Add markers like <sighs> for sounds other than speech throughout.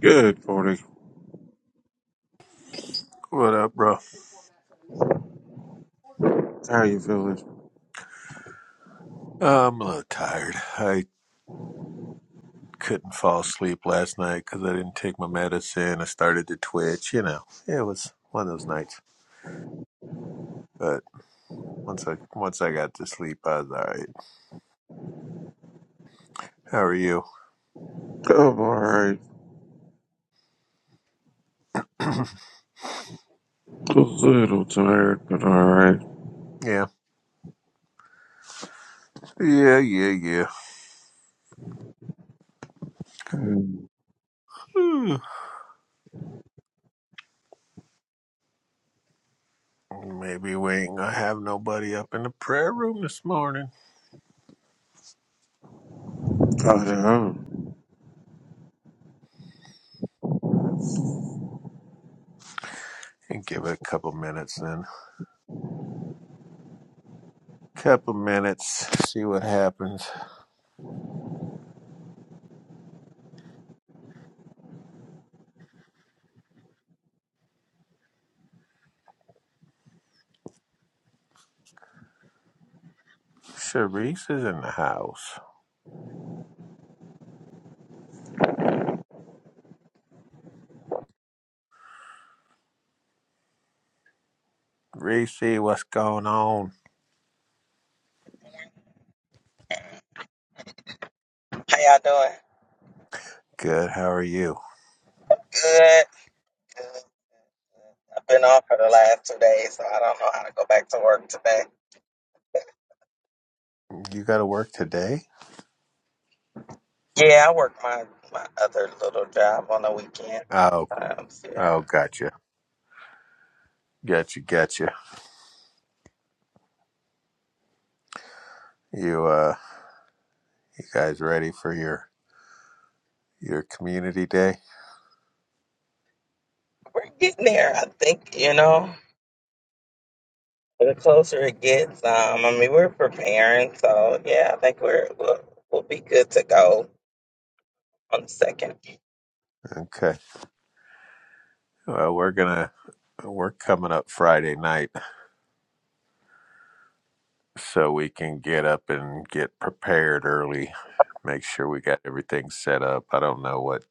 Good morning. What up, bro? How you feeling? Uh, I'm a little tired. I couldn't fall asleep last night because I didn't take my medicine. I started to twitch. You know, it was one of those nights. But once I once I got to sleep, I was all right. How are you? I'm alright. <clears throat> A little tired, but alright. yeah, yeah, yeah, Mm. yeah. <sighs> Maybe we ain't gonna have nobody up in the prayer room this morning. I know. And give it a couple minutes then. Couple minutes, see what happens. Sharice is in the house. Reese, what's going on? How y'all doing? Good, how are you? Good. Good. I've been off for the last two days, so I don't know how to go back to work today. You got to work today? Yeah, I work my my other little job on the weekend. Oh, Um, so yeah, oh, gotcha, gotcha, gotcha. You, uh, you guys ready for your your community day? we're getting there. I think you know. The closer it gets, um, I mean, we're preparing, so yeah, I think we're we'll, we'll be good to go on the second. Okay. Well, we're gonna we're coming up Friday night, so we can get up and get prepared early. Make sure we got everything set up. I don't know what.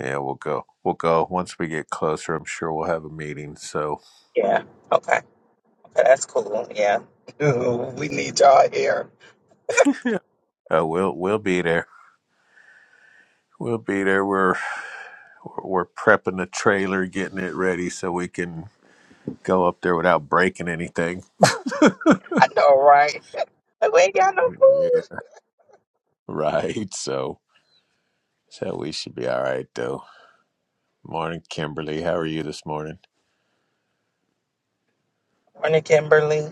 Yeah, we'll go. We'll go once we get closer. I'm sure we'll have a meeting. So Yeah. Okay. Okay, that's cool. Yeah. Ooh, we need y'all here. <laughs> uh, we'll we'll be there. We'll be there. We're we're prepping the trailer, getting it ready so we can go up there without breaking anything. I know, right? <laughs> Like, we ain't got no Yeah. food. Right. So so we should be all right though. Morning, Kimberly. How are you this morning? Morning, Kimberly.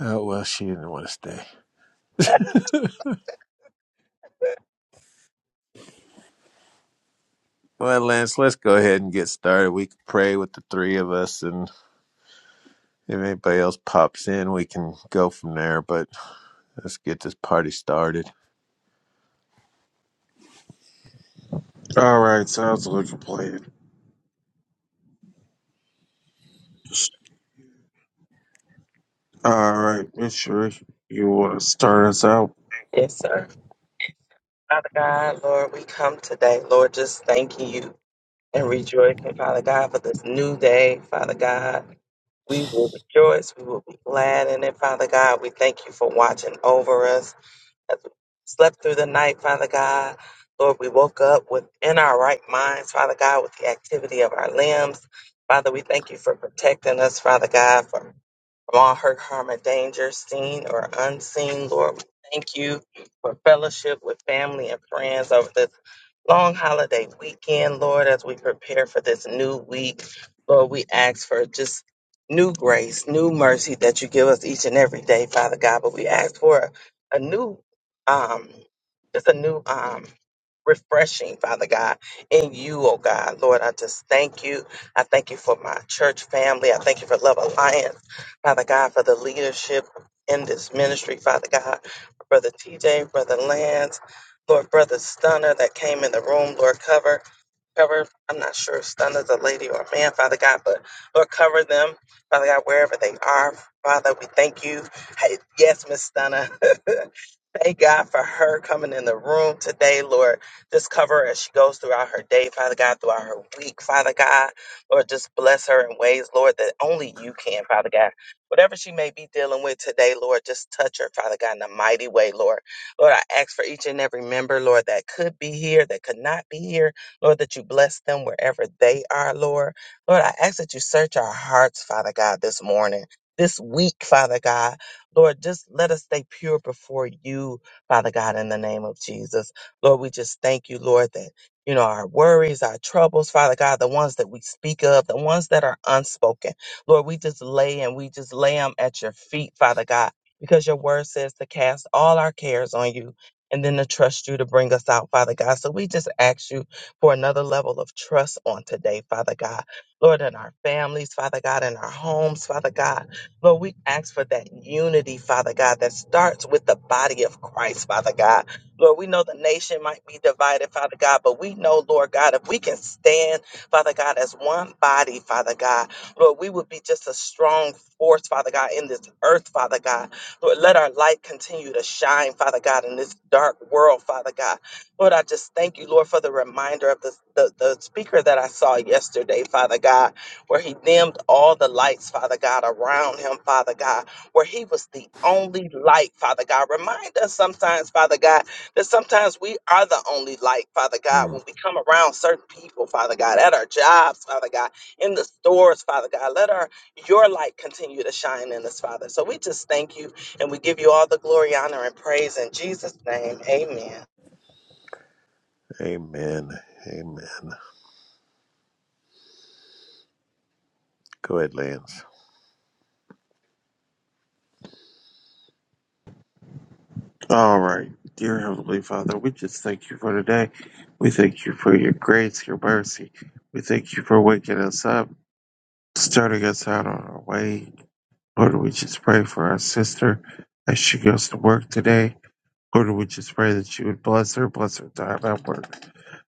Oh well she didn't want to stay. Well, Lance, let's go ahead and get started. We can pray with the three of us and if anybody else pops in we can go from there, but let's get this party started. Alright, sounds like a plan. Alright, Miss Sheree, you want to start us out? Yes, sir. Father God, Lord, we come today, Lord, just thanking you and rejoicing, Father God, for this new day, Father God. We will rejoice. We will be glad in it, Father God. We thank you for watching over us as we slept through the night, Father God. Lord, we woke up within our right minds, Father God, with the activity of our limbs. Father, we thank you for protecting us, Father God, for from all hurt, harm, and danger, seen or unseen. Lord, we thank you for fellowship with family and friends over this long holiday weekend, Lord, as we prepare for this new week. Lord, we ask for just new grace, new mercy that you give us each and every day, Father God. But we ask for a new, um, just a new um, refreshing, Father God, in you, oh God. Lord, I just thank you. I thank you for my church family. I thank you for Love Alliance. Father God, for the leadership in this ministry, Father God, for Brother TJ, Brother Lance, Lord, Brother Stunner that came in the room, Lord, cover, cover, I'm not sure if Stunner's a lady or a man, Father God, but Lord, cover them, Father God, wherever they are. Father, we thank you. Hey, yes, Miss Stunner. <laughs> Thank God for her coming in the room today, Lord. Just cover her as she goes throughout her day, Father God, throughout her week, Father God. Lord, just bless her in ways, Lord, that only you can, Father God. Whatever she may be dealing with today, Lord, just touch her, Father God, in a mighty way, Lord. Lord, I ask for each and every member, Lord, that could be here, that could not be here, Lord, that you bless them wherever they are, Lord. Lord, I ask that you search our hearts, Father God, this morning, this week, Father God. Lord, just let us stay pure before you, Father God, in the name of Jesus. Lord, we just thank you, Lord, that, you know, our worries, our troubles, Father God, the ones that we speak of, the ones that are unspoken. Lord, we just lay and we just lay them at your feet, Father God, because your word says to cast all our cares on you and then to trust you to bring us out, Father God. So we just ask you for another level of trust on today, Father God. Lord, in our families, Father God, in our homes, Father God. Lord, we ask for that unity, Father God, that starts with the body of Christ, Father God. Lord, we know the nation might be divided, Father God, but we know, Lord God, if we can stand, Father God, as one body, Father God, Lord, we would be just a strong force, Father God, in this earth, Father God. Lord, let our light continue to shine, Father God, in this dark world, Father God. Lord, I just thank you, Lord, for the reminder of the, the, the speaker that I saw yesterday, Father God where he dimmed all the lights, Father God, around him, Father God, where he was the only light, Father God. Remind us sometimes, Father God, that sometimes we are the only light, Father God, Mm. when we come around certain people, Father God, at our jobs, Father God, in the stores, Father God. Let our your light continue to shine in us, Father. So we just thank you and we give you all the glory, honor, and praise in Jesus' name. Amen. Amen. Amen. Go ahead, Lance. Alright. Dear Heavenly Father, we just thank you for today. We thank you for your grace, your mercy. We thank you for waking us up, starting us out on our way. Lord, we just pray for our sister as she goes to work today. Lord, we just pray that you would bless her, bless her time at work,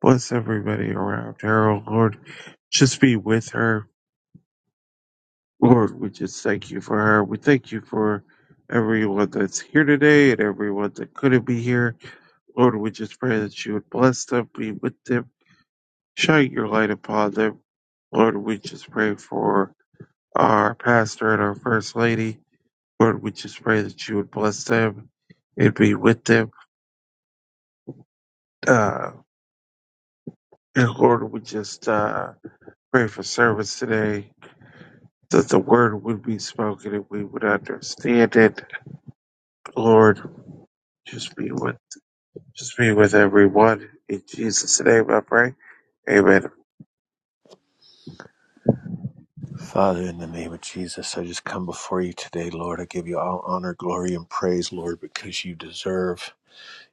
Bless everybody around her, oh Lord. Just be with her. Lord, we just thank you for her. We thank you for everyone that's here today and everyone that couldn't be here. Lord, we just pray that you would bless them, be with them, shine your light upon them. Lord, we just pray for our pastor and our first lady. Lord, we just pray that you would bless them and be with them. Uh, and Lord, we just, uh, Pray for service today that the word would be spoken and we would understand it. Lord, just be with just be with everyone. In Jesus' name I pray. Amen. Father, in the name of Jesus, I just come before you today, Lord. I give you all honor, glory, and praise, Lord, because you deserve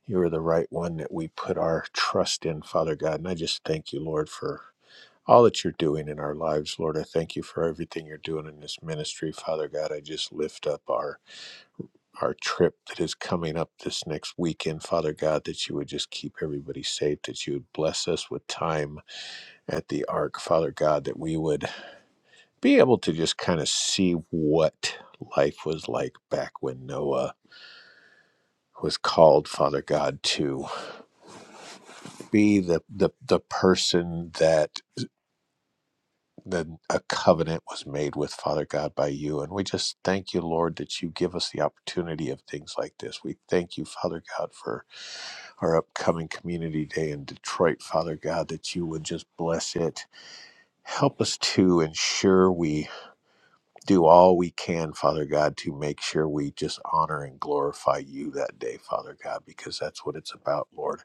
You are the right one that we put our trust in, Father God. And I just thank you, Lord, for all that you're doing in our lives, Lord. I thank you for everything you're doing in this ministry, Father God. I just lift up our our trip that is coming up this next weekend, Father God, that you would just keep everybody safe, that you would bless us with time at the ark, Father God, that we would be able to just kind of see what life was like back when Noah was called, Father God, to. be the the the person that the a covenant was made with Father God by you. And we just thank you, Lord, that you give us the opportunity of things like this. We thank you, Father God, for our upcoming community day in Detroit, Father God, that you would just bless it. Help us to ensure we do all we can, Father God, to make sure we just honor and glorify you that day, Father God, because that's what it's about, Lord.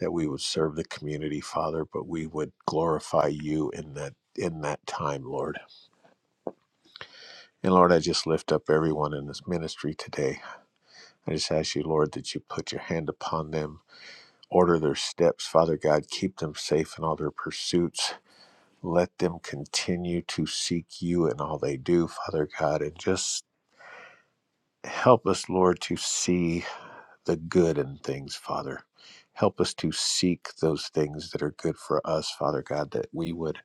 that we would serve the community, Father, but we would glorify you in that in that time, Lord. And Lord, I just lift up everyone in this ministry today. I just ask you, Lord, that you put your hand upon them, order their steps, Father God, keep them safe in all their pursuits. Let them continue to seek you in all they do, Father God, and just help us, Lord, to see the good in things, Father. Help us to seek those things that are good for us, Father God, that we would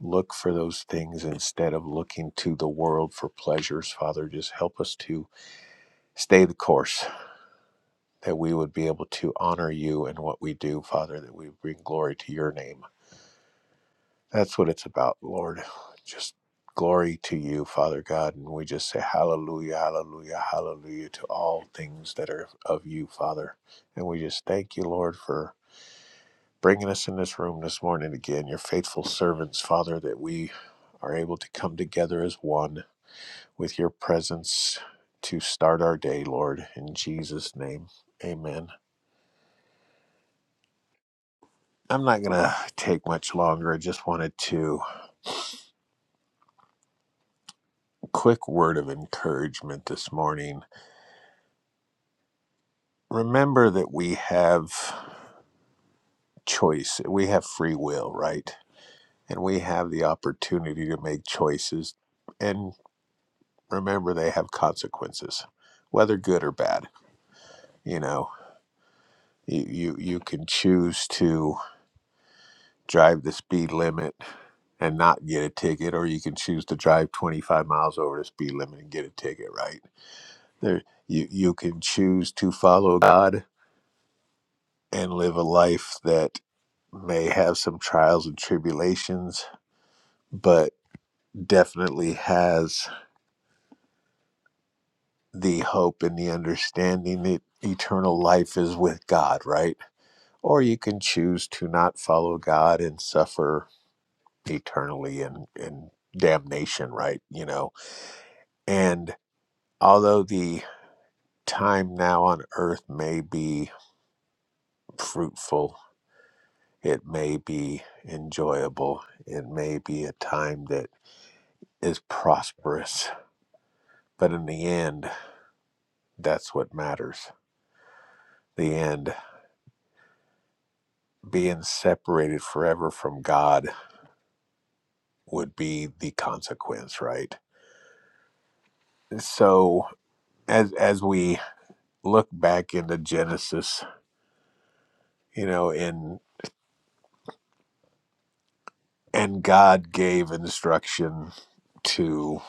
look for those things instead of looking to the world for pleasures. Father, just help us to stay the course, that we would be able to honor you in what we do, Father, that we bring glory to your name. That's what it's about, Lord. Just glory to you, Father God. And we just say hallelujah, hallelujah, hallelujah to all things that are of you, Father. And we just thank you, Lord, for bringing us in this room this morning again, your faithful servants, Father, that we are able to come together as one with your presence to start our day, Lord. In Jesus' name, amen. I'm not going to take much longer. I just wanted to quick word of encouragement this morning. Remember that we have choice. We have free will, right? And we have the opportunity to make choices. And remember they have consequences, whether good or bad. You know, you you, you can choose to drive the speed limit and not get a ticket, or you can choose to drive 25 miles over the speed limit and get a ticket, right? There, you, you can choose to follow God and live a life that may have some trials and tribulations, but definitely has the hope and the understanding that eternal life is with God, right? Or you can choose to not follow God and suffer eternally and, and damnation, right? You know, and Although the time now on earth may be fruitful, it may be enjoyable, it may be a time that is prosperous, but in the end, that's what matters. The end, being separated forever from God would be the consequence, right? So as as we look back into Genesis, you know, in and God gave instruction to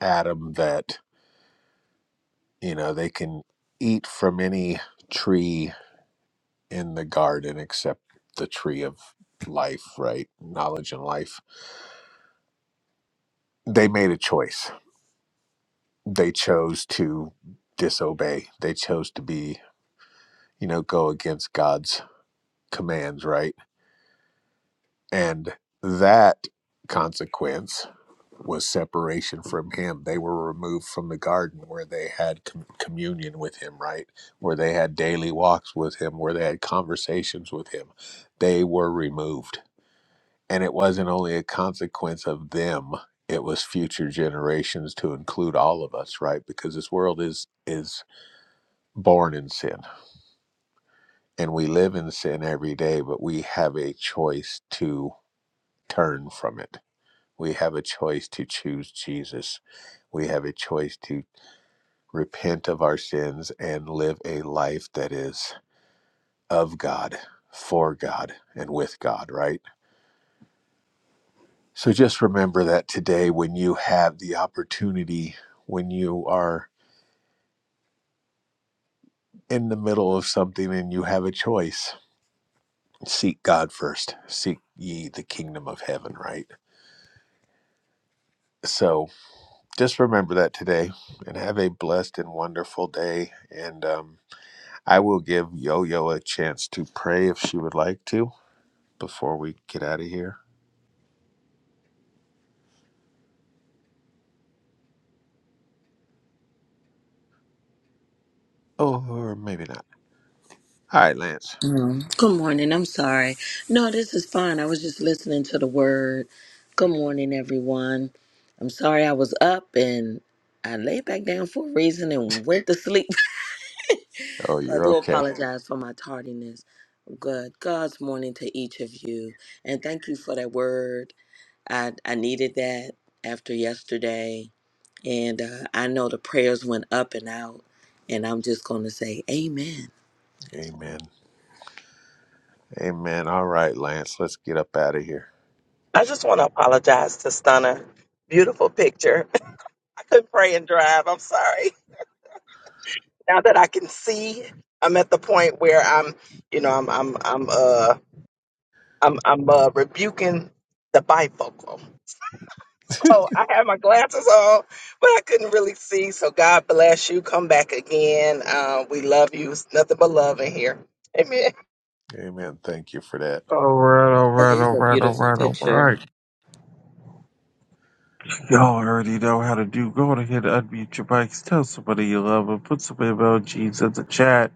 Adam that You know, they can eat from any tree in the garden except the tree of life, right? Knowledge and life. They made a choice. They chose to disobey. They chose to be, you know, go against God's commands, right? And that consequence was separation from him. They were removed from the garden where they had com- communion with him, right? Where they had daily walks with him, where they had conversations with him. They were removed. And it wasn't only a consequence of them, it was future generations to include all of us, right? Because this world is is born in sin and we live in sin every day, but we have a choice to turn from it. We have a choice to choose Jesus. We have a choice to repent of our sins, and live a life that is of God, for God, and with God, right? So just remember that today when you have the opportunity, when you are in the middle of something and you have a choice, seek God first. Seek ye the kingdom of heaven, right? So just remember that today and have a blessed and wonderful day. And um, I will give Yo Yo a chance to pray if she would like to before we get out of here. Oh, Or maybe not. All right, Lance. Mm. Good morning. I'm sorry. No, this is fine. I was just listening to the word. Good morning, everyone. I'm sorry I was up and I laid back down for a reason and went to sleep. <laughs> Oh, So I you're do okay. apologize for my tardiness. Good. God's morning to each of you. And thank you for that word. I, I needed that after yesterday. And uh, I know the prayers went up and out. And I'm just going to say, Amen. Amen. Amen. All right, Lance. Let's get up out of here. I just want to apologize to Stunner. Beautiful picture. <laughs> I couldn't pray and drive. I'm sorry. now that I can see, I'm at the point where I'm, you know, I'm I'm I'm uh I'm I'm uh, rebuking the bifocal. So I had my glasses on, but I couldn't really see. So God bless you. Come back again. Uh, we love you. It's nothing but love in here. Amen. Amen. Thank you for that. Alright, That alright, is a alright, beautiful alright, picture. alright. Y'all already know how to do. Go on ahead and unmute your mics. Tell somebody you love them. Put some emojis in the chat.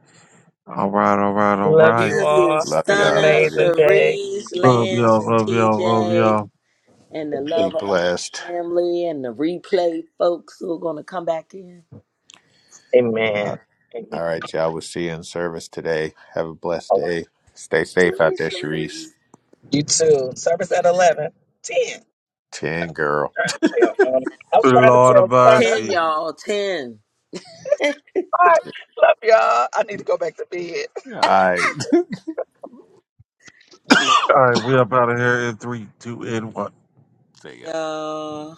Alright, alright, Love alright. you Love you, all. Have Love an you. I Donna, love you. amazing day. Cherise, Love Lance, y'all, and love y'all, love TJ, y'all. and the Be Love Alliance blessed. family, and the replay folks who are going to come back in. All Amen. Amen. all right, y'all. We'll see you in service today. Have a blessed All day. Stay right. safe out there, Cherise, Cherise. Sharice. You too. Service at 11. 10. Trying Ten girl. to tell, um, I was trying to Lord of tell Stunner. 10, mercy. y'all, 10. <laughs> Bye. Love y'all. I need to go back to bed. I Love Alright, we up out of here in three, two, and one. <laughs> see ya. Y'all.